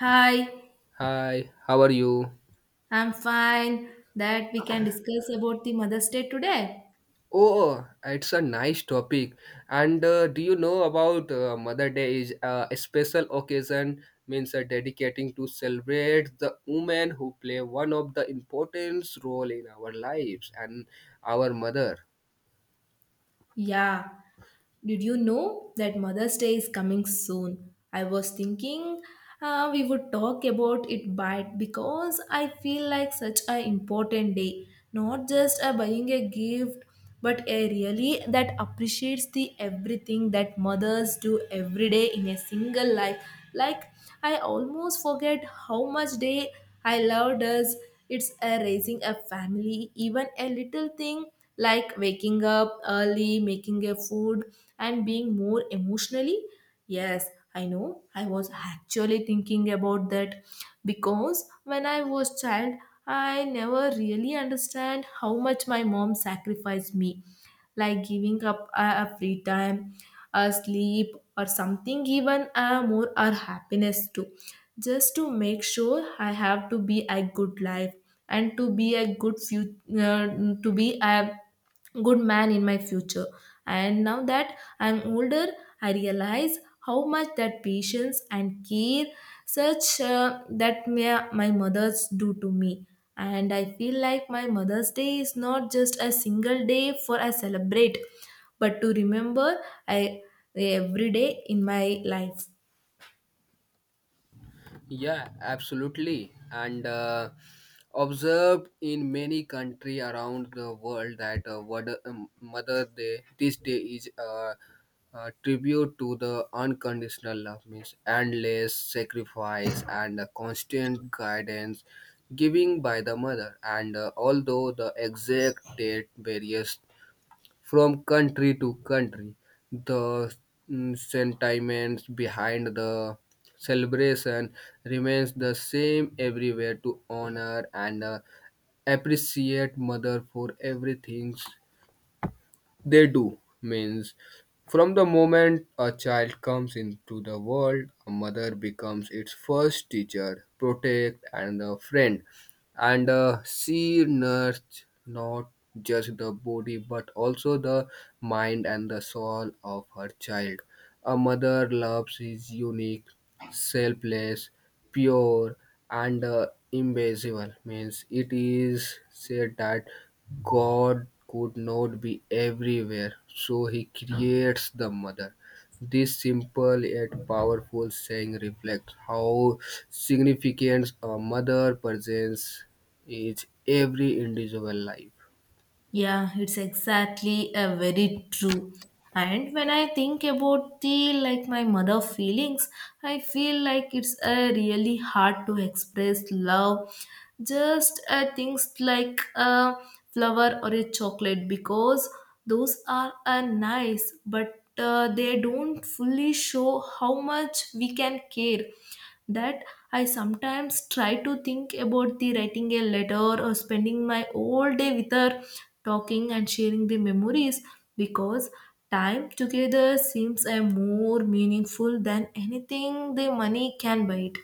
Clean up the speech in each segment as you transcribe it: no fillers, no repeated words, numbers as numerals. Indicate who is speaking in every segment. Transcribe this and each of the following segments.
Speaker 1: Hi,
Speaker 2: Hi, how are you?
Speaker 1: I'm fine. That we can discuss about the Mother's Day today.
Speaker 2: Oh, it's a nice topic. And do you know about Mother Day is a special occasion means dedicating to celebrate the women who play one of the important role in our lives and our mother.
Speaker 1: Yeah, did you know that Mother's Day is coming soon? I was thinking we would talk about it by because I feel like such an important day, not just a buying a gift, but a really that appreciates the everything that mothers do every day in a single life. Like, I almost forget how much day I love does it's a raising a family, even a little thing like waking up early, making a food, and being more emotionally. Yes, I know. I was actually thinking about that because when I was child, I never really understand how much my mom sacrificed me, like giving up a free time, a sleep or something, even a more our happiness too, just to make sure I have to be a good life and to be a good future, to be a good man in my future. And now that I'm older, I realize how much that patience and care such that my mothers do to me. And I feel like my Mother's Day is not just a single day for I celebrate, but to remember I every day in my life.
Speaker 2: Yeah, absolutely. And observed in many country around the world that Mother Day, this day is a tribute to the unconditional love, means endless sacrifice and the constant guidance giving by the mother. And although the exact date varies from country to country. The sentiments behind the celebration remains the same everywhere to honor and appreciate mother for everything they do means from the moment a child comes into the world a mother becomes its first teacher protect and a friend and she nourished not just the body but also the mind and the soul of her child. A mother loves is unique, selfless, pure, and invisible. Means it is said that God could not be everywhere, so He creates the mother. This simple yet powerful saying reflects how significant a mother presence is every individual life.
Speaker 1: Yeah, it's exactly a very true. And when I think about the like my mother feelings, I feel like it's a really hard to express love. Just things like a flower or a chocolate, because those are nice, but they don't fully show how much we can care that I sometimes try to think about the writing a letter or spending my whole day with her, talking and sharing the memories, because time together seems a more meaningful than anything the money can buy it.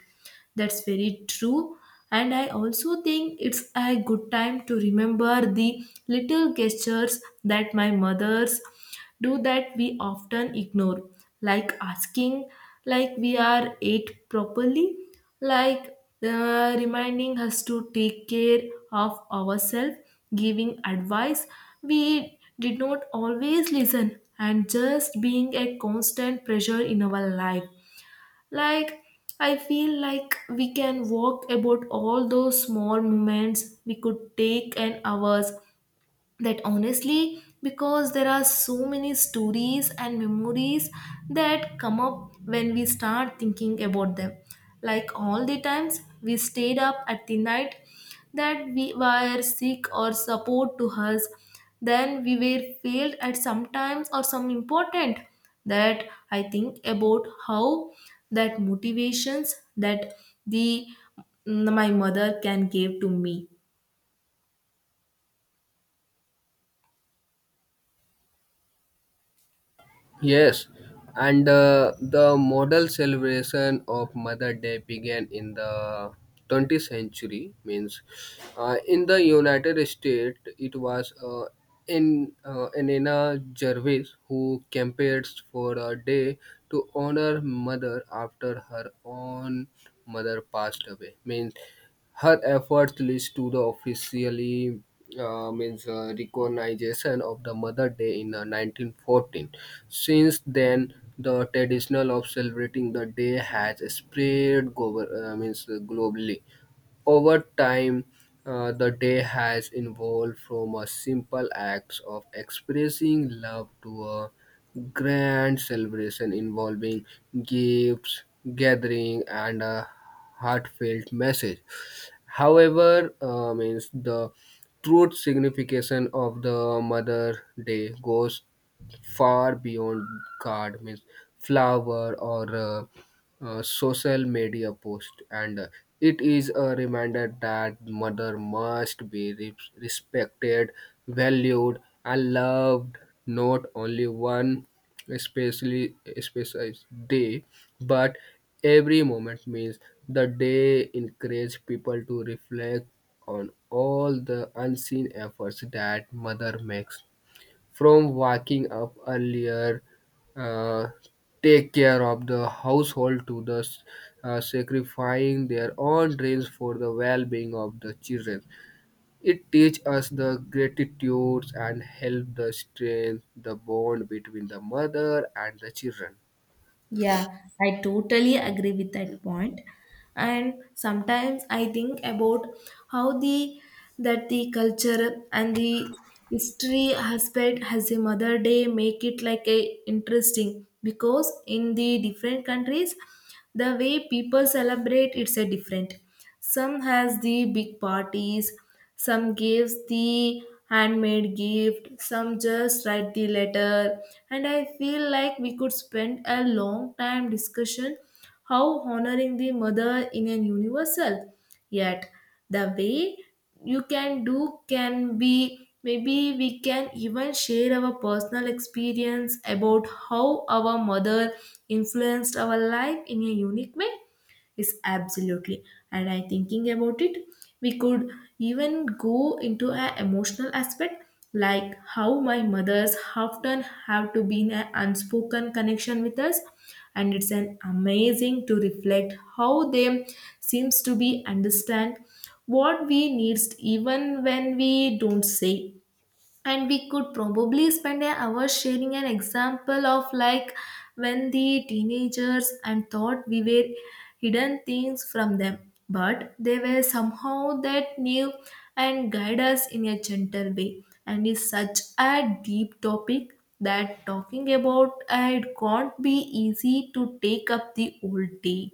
Speaker 1: That's very true. And I also think it's a good time to remember the little gestures that my mothers do that we often ignore, like asking, like we are ate properly, like reminding us to take care of ourselves, giving advice. We did not always listen, and just being a constant pressure in our life. Like, I feel like we can walk about all those small moments we could take an hours that honestly, because there are so many stories and memories that come up when we start thinking about them, like all the times we stayed up at the night that we were sick or support to us, then we were failed at sometimes or some important, that I think about how that motivations that the my mother can give to me.
Speaker 2: Yes, and the model celebration of Mother Day began in the 20th century. Means, in the United States, it was in Anena Jarvis who campaigned for a day to honor mother after her own mother passed away. Means. Her efforts leads to the officially means recognition of the Mother Day in 1914. Since then, the tradition of celebrating the day has spread gover- means globally. Over time, the day has evolved from a simple act of expressing love to a grand celebration involving gifts, gathering, and a heartfelt message. However, means the true signification of the Mother Day goes far beyond card, means flower or social media post, and it is a reminder that mother must be respected, valued, and loved not only one especially specialized day but every moment means the day encourage people to reflect on all the unseen efforts that mother makes. From waking up earlier, uh, take care of the household to the sacrificing their own dreams for the well-being of the children. It teaches us the gratitudes and help the strength the bond between the mother and the children.
Speaker 1: Yeah, I totally agree with that point. And sometimes I think about how the that the culture and the history aspect has a Mother Day make it like a interesting, because in the different countries the way people celebrate it's a different. Some has the big parties, some gives the handmade gift, some just write the letter, and I feel like we could spend a long time discussion how honoring the mother in an universal. Yet the way you can do can be maybe we can even share our personal experience about how our mother influenced our life in a unique way is absolutely, and I thinking about it we could even go into an emotional aspect, like how my mothers often have to be in an unspoken connection with us, and it's an amazing to reflect how they seems to be understand what we needs even when we don't say, and we could probably spend an hour sharing an example of like when the teenagers and thought we were hidden things from them but they were somehow that knew and guide us in a gentle way, and is such a deep topic that talking about it can't be easy to take up the whole day.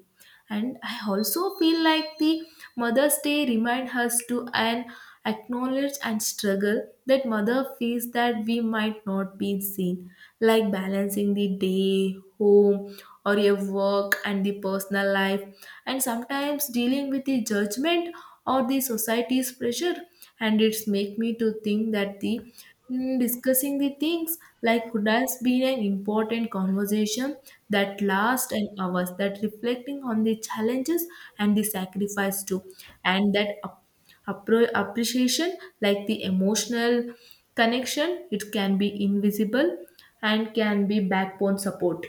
Speaker 1: And I also feel like the mother's day remind us to and acknowledge and struggle that mother feels that we might not be seen, like balancing the day home or your work and the personal life, and sometimes dealing with the judgment or the society's pressure, and it's make me to think that the discussing the things like could has been an important conversation that lasts an hours, that reflecting on the challenges and the sacrifice too, and that appreciation like the emotional connection, it can be invisible and can be backbone support.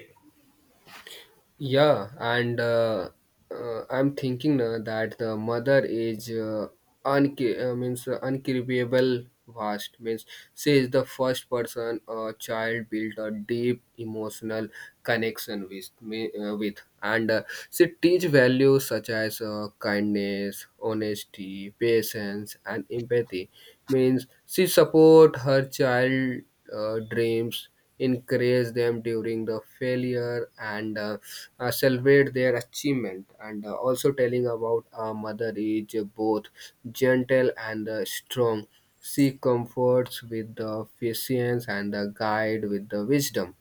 Speaker 2: Yeah, and I'm thinking that the mother is unca- means uncribbable vast means she is the first person a child built a deep emotional connection with me with and she teach values such as kindness honesty patience and empathy means she support her child dreams encourage them during the failure and celebrate their achievement and also telling about our mother is both gentle and strong she comforts with the patience and the guide with the wisdom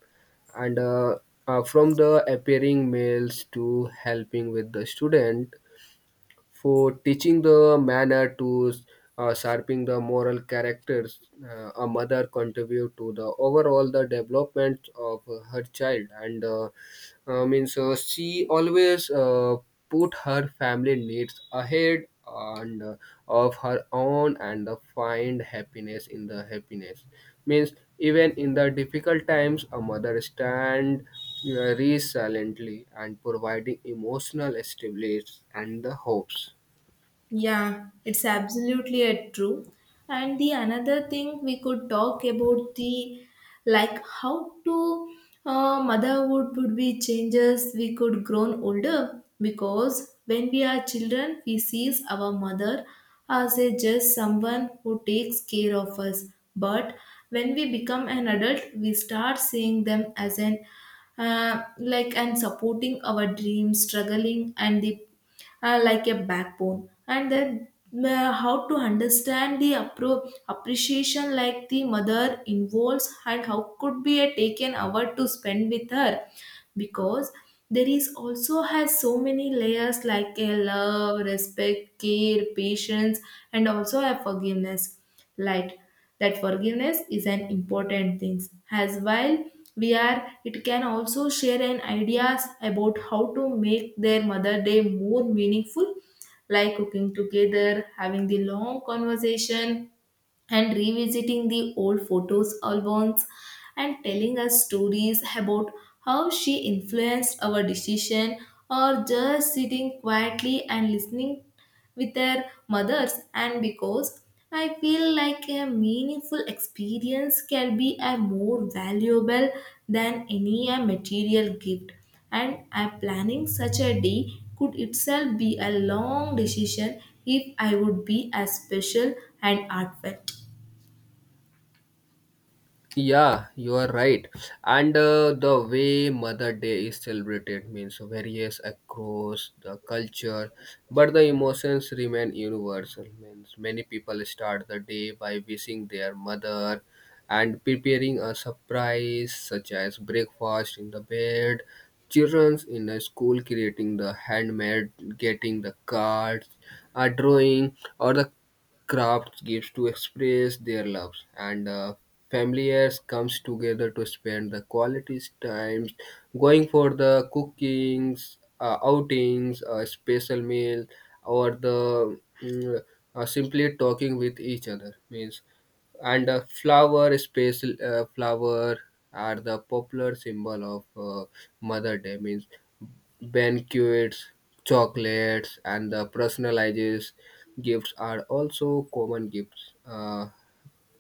Speaker 2: and from the appearing males to helping with the student for teaching the manner to sharpening the moral characters a mother contribute to the overall the development of her child and means she always put her family needs ahead and of her own and find happiness in the happiness means even in the difficult times a mother stand very silently and providing emotional stability and the hopes.
Speaker 1: Yeah, it's absolutely a true. And the another thing we could talk about the like how to motherhood would be changes we could grown older, because when we are children we sees our mother as a just someone who takes care of us, but when we become an adult we start seeing them as an like and supporting our dreams struggling and the like a backbone, and then how to understand the appreciation like the mother involves and how could be a taken hour to spend with her, because there is also has so many layers like a love respect care patience and also a forgiveness, like that forgiveness is an important thing as while we are, it can also share an ideas about how to make their mother day more meaningful, like cooking together, having the long conversation, and revisiting the old photos albums, and telling us stories about how she influenced our decision, or just sitting quietly and listening with their mothers. And because I feel like a meaningful experience can be a more valuable than any a material gift, and I planning such a day could itself be a long decision if I would be as special and heartfelt.
Speaker 2: Yeah, you are right. And the way Mother Day is celebrated means varies across the culture, but the emotions remain universal. Means many people start the day by wishing their mother and preparing a surprise such as breakfast in the bed, children's in the school creating the handmade, getting the cards, a drawing, or the craft gives to express their loves and familiars comes together to spend the quality times going for the cookings outings a special meal or the simply talking with each other means and uh, flower are the popular symbol of mother day means banquets chocolates and the personalized gifts are also common gifts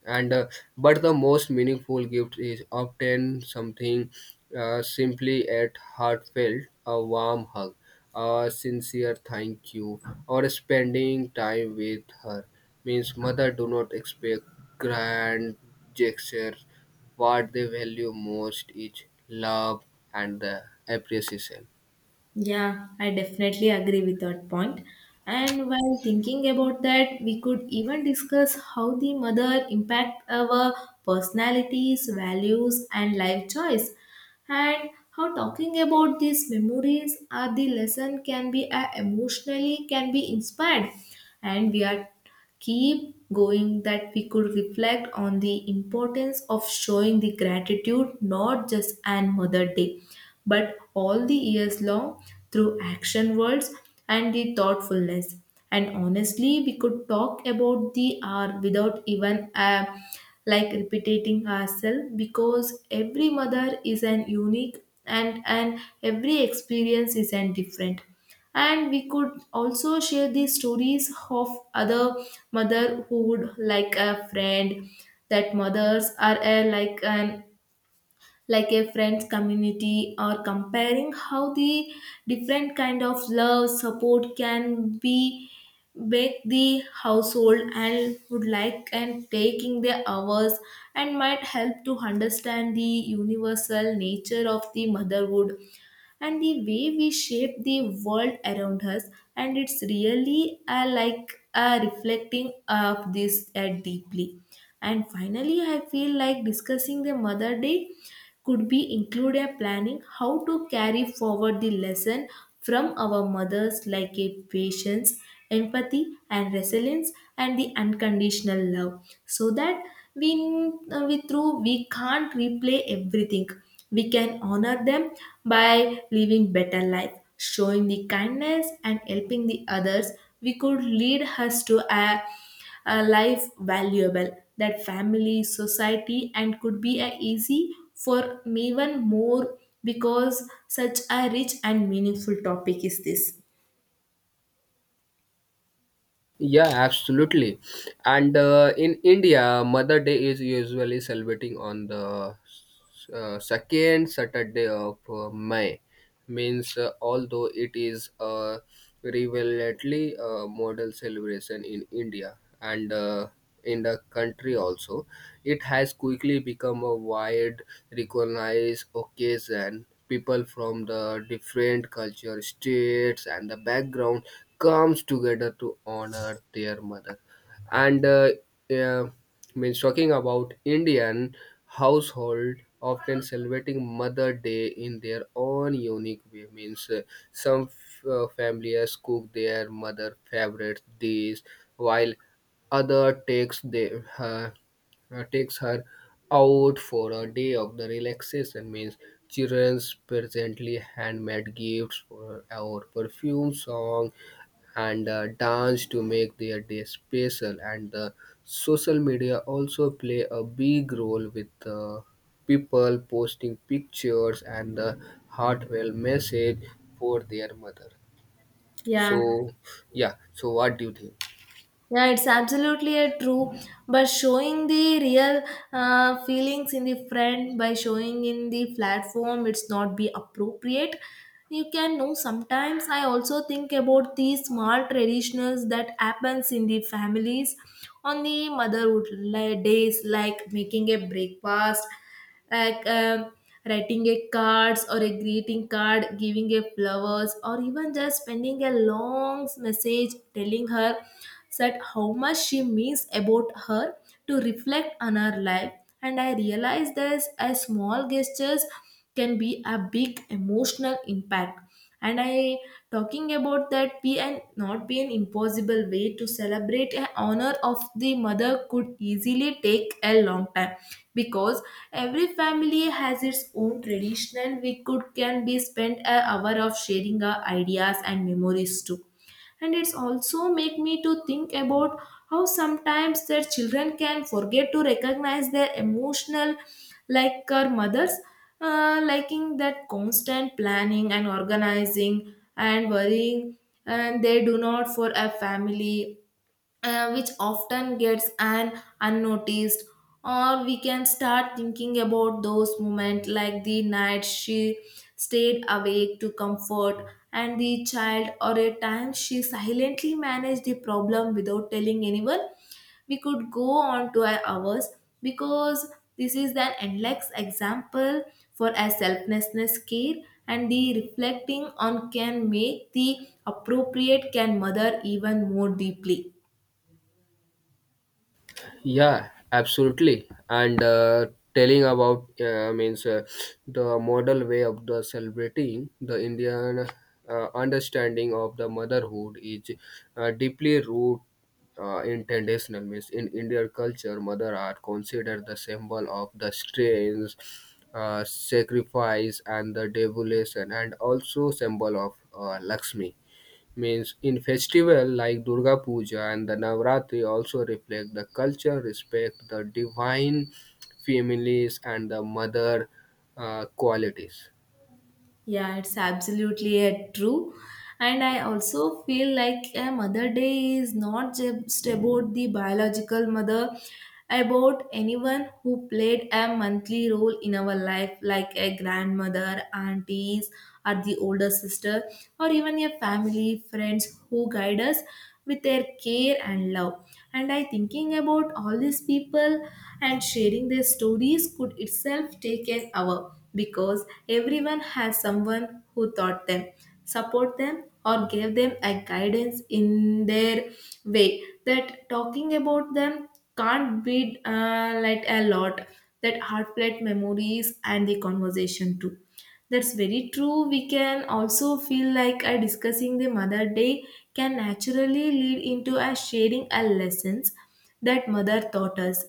Speaker 2: and but the most meaningful gift is often something simply at heartfelt a warm hug a sincere thank you or spending time with her means mother do not expect grand gestures what they value most is love and the appreciation.
Speaker 1: Yeah, I definitely agree with that point. And while thinking about that, we could even discuss how the mother impact our personalities, values, and life choice, and how talking about these memories or the lesson can be emotionally can be inspired, and we are keep going that we could reflect on the importance of showing the gratitude not just an mother day but all the years long, through action words and the thoughtfulness. And honestly we could talk about the hour without even like repeating ourselves, because every mother is an unique, and every experience is an different, and we could also share the stories of other mother who would like a friend, that mothers are like an like a friends community, or comparing how the different kind of love support can be make the household and would like and taking their hours, and might help to understand the universal nature of the motherhood and the way we shape the world around us. And it's really like reflecting of this deeply. And finally I feel like discussing the mother day could be include a planning how to carry forward the lesson from our mothers like a patience, empathy, and resilience and the unconditional love, so that we through we can't replay everything, we can honor them by living better life, showing the kindness and helping the others. We could lead us to a life valuable that family society and could be a easy for even more, because such a rich and meaningful topic is this.
Speaker 2: Yeah, absolutely. And in India, Mother Day is usually celebrating on the second Saturday of May. Means, although it is a relevantly model celebration in India and in the country also, it has quickly become a wide recognized occasion people from the different culture, states, and the background comes together to honor their mother. And yeah, means talking about Indian household often celebrating Mother Day in their own unique way. Means some families cook their mother favorite dish, while other takes her out for a day of the relaxation means children's presently handmade gifts for our perfume song and dance to make their day special and the social media also play a big role with people posting pictures and the heartfelt message for their mother.
Speaker 1: Yeah.
Speaker 2: So yeah, so what do you think?
Speaker 1: Yeah, it's absolutely a true. But showing the real feelings in the front by showing in the platform, it's not be appropriate. You can know sometimes I also think about the small traditionals that happens in the families on the motherhood days, like making a breakfast, like writing a cards or a greeting card, giving a flowers, or even just sending a long message telling her that how much she means about her, to reflect on her life. And I realized that a small gestures can be a big emotional impact. And I talking about that be an not be an impossible way to celebrate an honor of the mother could easily take a long time, because every family has its own tradition. We could can be spent an hour of sharing our ideas and memories too. And it's also make me to think about how sometimes their children can forget to recognize their emotional like our mothers liking that constant planning and organizing and worrying and they do not for a family which often gets an unnoticed, or we can start thinking about those moments like the night she stayed awake to comfort and the child or a time she silently managed the problem without telling anyone, we could go on to our hours, because this is an endless example for a selflessness care, and the reflecting on can make the appropriate can mother even more deeply.
Speaker 2: Yeah, absolutely. And telling about means the model way of the celebrating the Indian understanding of the motherhood is deeply rooted in traditional means in Indian culture. Mother are considered the symbol of the strength, sacrifice, and the devotion, and also symbol of Lakshmi means in festival like Durga Puja and the Navratri also reflect the culture, respect the divine families and the mother qualities.
Speaker 1: Yeah, it's absolutely a true. And I also feel like a Mother Day is not just about the biological mother, about anyone who played a monthly role in our life, like a grandmother, aunties, or the older sister, or even a family, friends who guide us with their care and love, and I thinking about all these people, and sharing their stories could itself take an hour because everyone has someone who taught them, support them, or gave them a guidance in their way, that talking about them can't be like a lot, that heartfelt memories and the conversation too. That's very true. We can also feel like a discussing the Mother Day can naturally lead into a sharing a lessons that Mother taught us,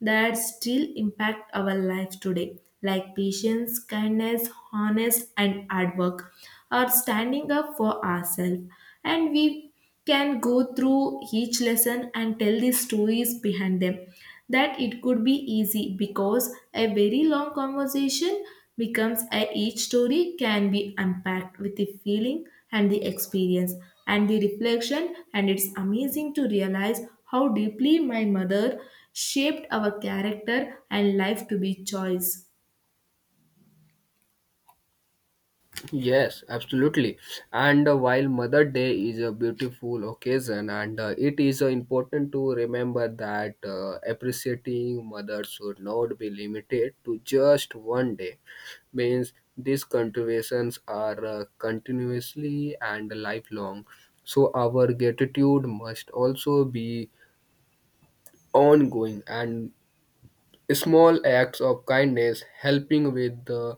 Speaker 1: that still impact our life today, like patience, kindness, honest, and hard work, or standing up for ourselves. And we can go through each lesson and tell the stories behind them, that it could be easy because a very long conversation becomes a each story can be unpacked with the feeling and the experience and the reflection. And it's amazing to realize how deeply my mother shaped our character and life to be choice.
Speaker 2: Yes, absolutely. And while Mother Day is a beautiful occasion, and it is important to remember that appreciating mothers should not be limited to just one day. Means these contributions are continuously and lifelong. So our gratitude must also be ongoing and small acts of kindness helping with the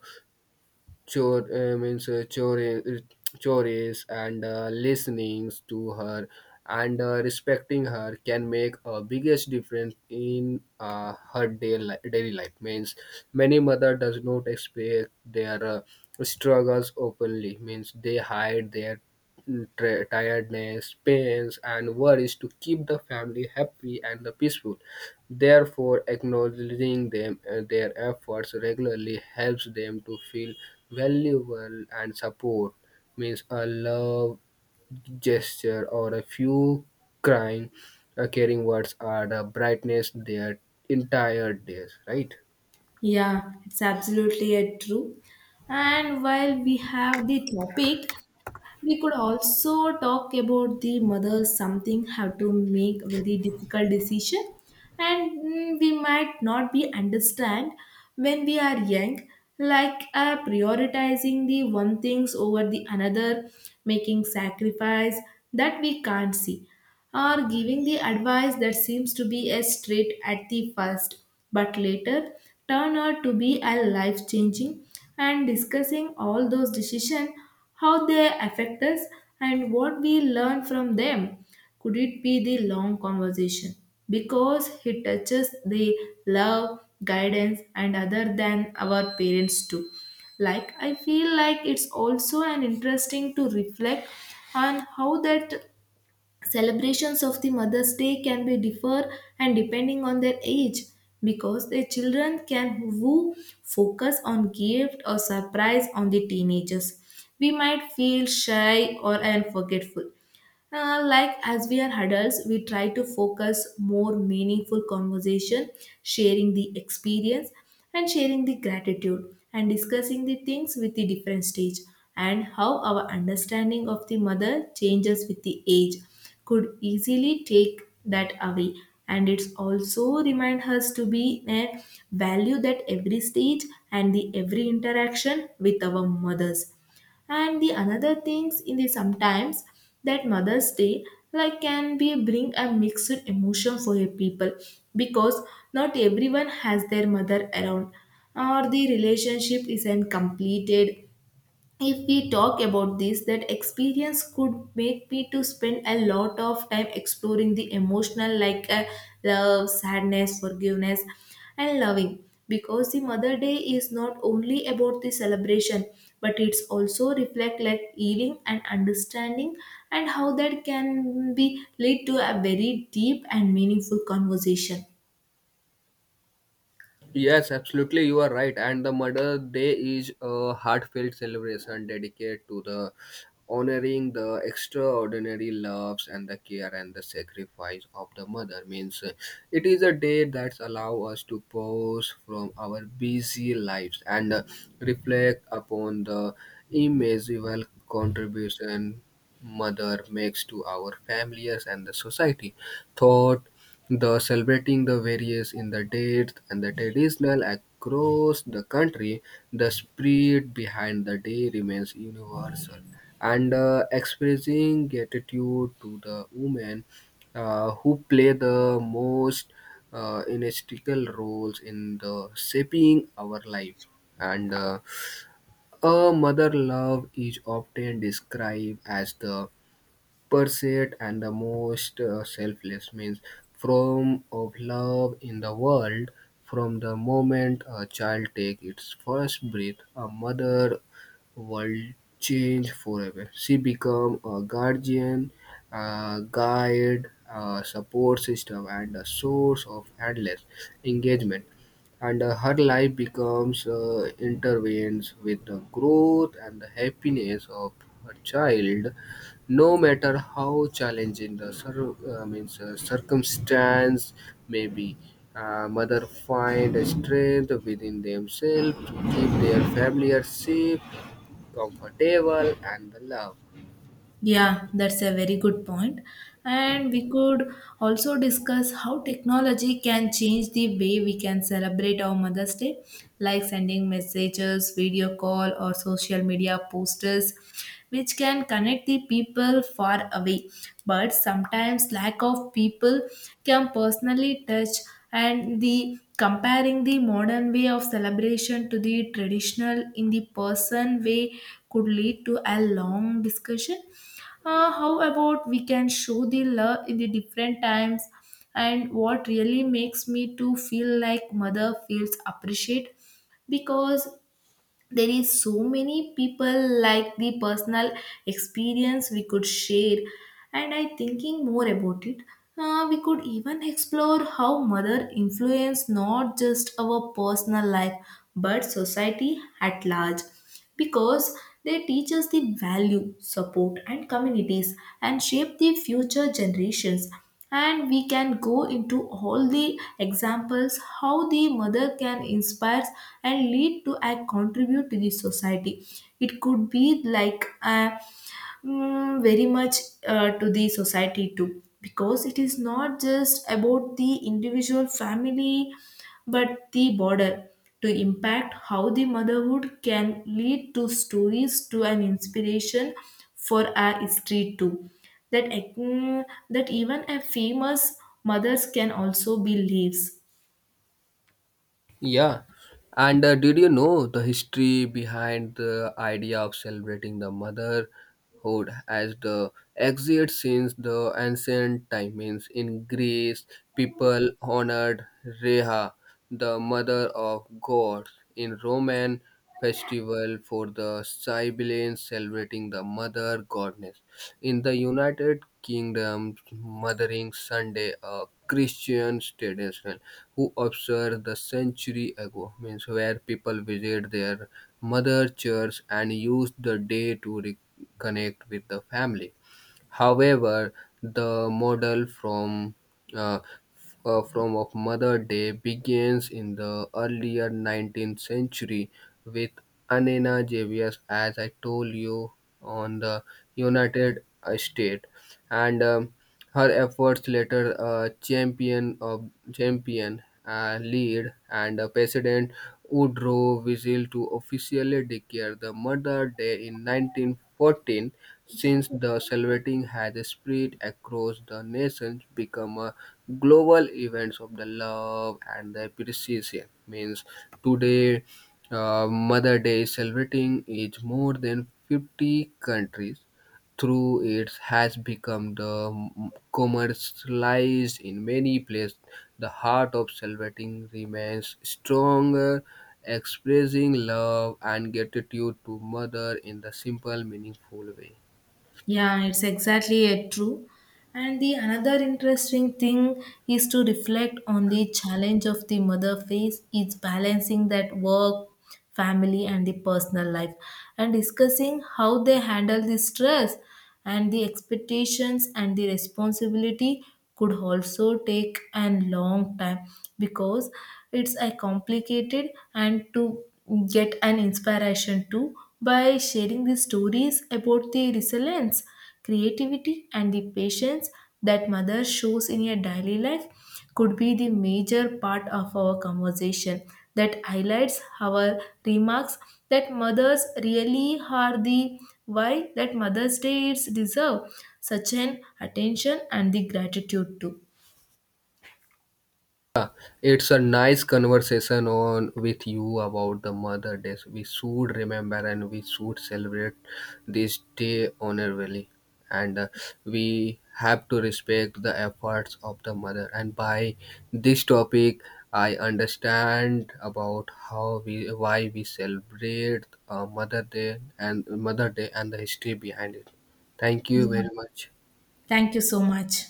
Speaker 2: chore uh, means uh, chore, chores and listening to her and respecting her can make a biggest difference in uh, daily life means many mother does not expect their struggles openly means they hide their tiredness, pains, and worries to keep the family happy and peaceful. Therefore, acknowledging them their efforts regularly helps them to feel valuable and support. Means a love gesture or a few crying, caring words are the brightness their entire days. Right.
Speaker 1: Yeah, it's absolutely a true. And while we have the topic, we could also talk about the mothers something have to make very difficult decision, and we might not be understand when we are young, like prioritizing the one things over the another, making sacrifice that we can't see, or giving the advice that seems to be a straight at the first but later turn out to be a life changing. And discussing all those decisions, how they affect us, and what we learn from them. Could it be the long conversation? Because it touches the love, guidance, and other than our parents too. Like, I feel like it's also an interesting to reflect on how that celebrations of the Mother's Day can be differ and depending on their age, because the children can who focus on gift or surprise on the teenagers. We might feel shy or and forgetful, like as we are adults, we try to focus more meaningful conversation, sharing the experience and sharing the gratitude and discussing the things with the different stage, and how our understanding of the mother changes with the age could easily take that away. And it's also remind us to be a value that every stage and the every interaction with our mothers and the another things in the sometimes, that mother's day like can be bring a mixed emotion for a people, because not everyone has their mother around or the relationship isn't completed. If we talk about this, that experience could make me to spend a lot of time exploring the emotional, like love, sadness, forgiveness, and loving, because the mother day is not only about the celebration, but it's also reflect like healing and understanding, and how that can be lead to a very deep and meaningful conversation.
Speaker 2: Yes, absolutely, you are right. And the Mother Day is a heartfelt celebration dedicated to the honoring the extraordinary loves and the care and the sacrifice of the mother. Means it is a day that allows us to pause from our busy lives and reflect upon the immeasurable contribution mother makes to our families and the society. Thought the celebrating the various in the dates and the traditional across the country the spirit behind the day remains universal and expressing gratitude to the women who play the most integral roles in the shaping our life and a mother love is often described as the perseid and the most selfless means form of love in the world from the moment a child takes its first breath a mother will change forever she becomes a guardian a guide a support system and a source of endless engagement and her life becomes intertwined with the growth and the happiness of her child no matter how challenging the cir- means circumstance may be, mother find a strength within themselves to keep their family safe, comfortable, and loved.
Speaker 1: Yeah, that's a very good point. And we could also discuss how technology can change the way we can celebrate our Mother's Day, like sending messages, video call, or social media posters, which can connect the people far away. But sometimes lack of people can personally touch, and the comparing the modern way of celebration to the traditional in the person way could lead to a long discussion. How about we can show the love in the different times, and what really makes me to feel like mother feels appreciate, because there is so many people like the personal experience we could share. And I thinking more about it, we could even explore how mother influence not just our personal life but society at large, because they teach us the value, support, and communities, and shape the future generations. And we can go into all the examples how the mother can inspire and lead to and contribute to the society. It could be like a very much to the society too, because it is not just about the individual family but the border to impact how the motherhood can lead to stories to an inspiration for our history too, that ac- that even a famous mothers can also be leaves.
Speaker 2: Yeah. And did you know the history behind the idea of celebrating the motherhood as the exit since the ancient time means in Greece people honored Reha, the mother of gods, in Roman festival for the sibilance celebrating the mother goddess. In the United Kingdom, Mothering Sunday, a Christian tradition who observed the century ago, means where people visit their mother church and use the day to reconnect with the family. However, the model from uh, from of Mother Day begins in the earlier 19th century with Anena Javius, as I told you, on the United States, and her efforts later champion lead and President Woodrow Wilson to officially declare the Mother Day in 1914. Since the celebrating has spread across the nations, become a global event of the love and the appreciation. Means today, Mother Day celebrating is more than 50 countries through it has become the commercialized in many places. The heart of celebrating remains stronger, expressing love and gratitude to mother in the simple, meaningful way.
Speaker 1: Yeah, it's exactly it, true. And the another interesting thing is to reflect on the challenge of the mother face is balancing that work, family, and the personal life, and discussing how they handle the stress and the expectations and the responsibility could also take a long time, because it's a complicated and to get an inspiration too, by sharing the stories about the resilience, creativity, and the patience that mother shows in your daily life could be the major part of our conversation, that highlights our remarks that mothers really are the why that mother's day is deserve such an attention and the gratitude too.
Speaker 2: Yeah, it's a nice conversation on with you about the Mother Day. We should remember and we should celebrate this day honorably, and we have to respect the efforts of the mother. And by this topic, I understand about how we why we celebrate Mother Day and the history behind it. Thank you
Speaker 1: Yeah,
Speaker 2: very much.
Speaker 1: thank you so much.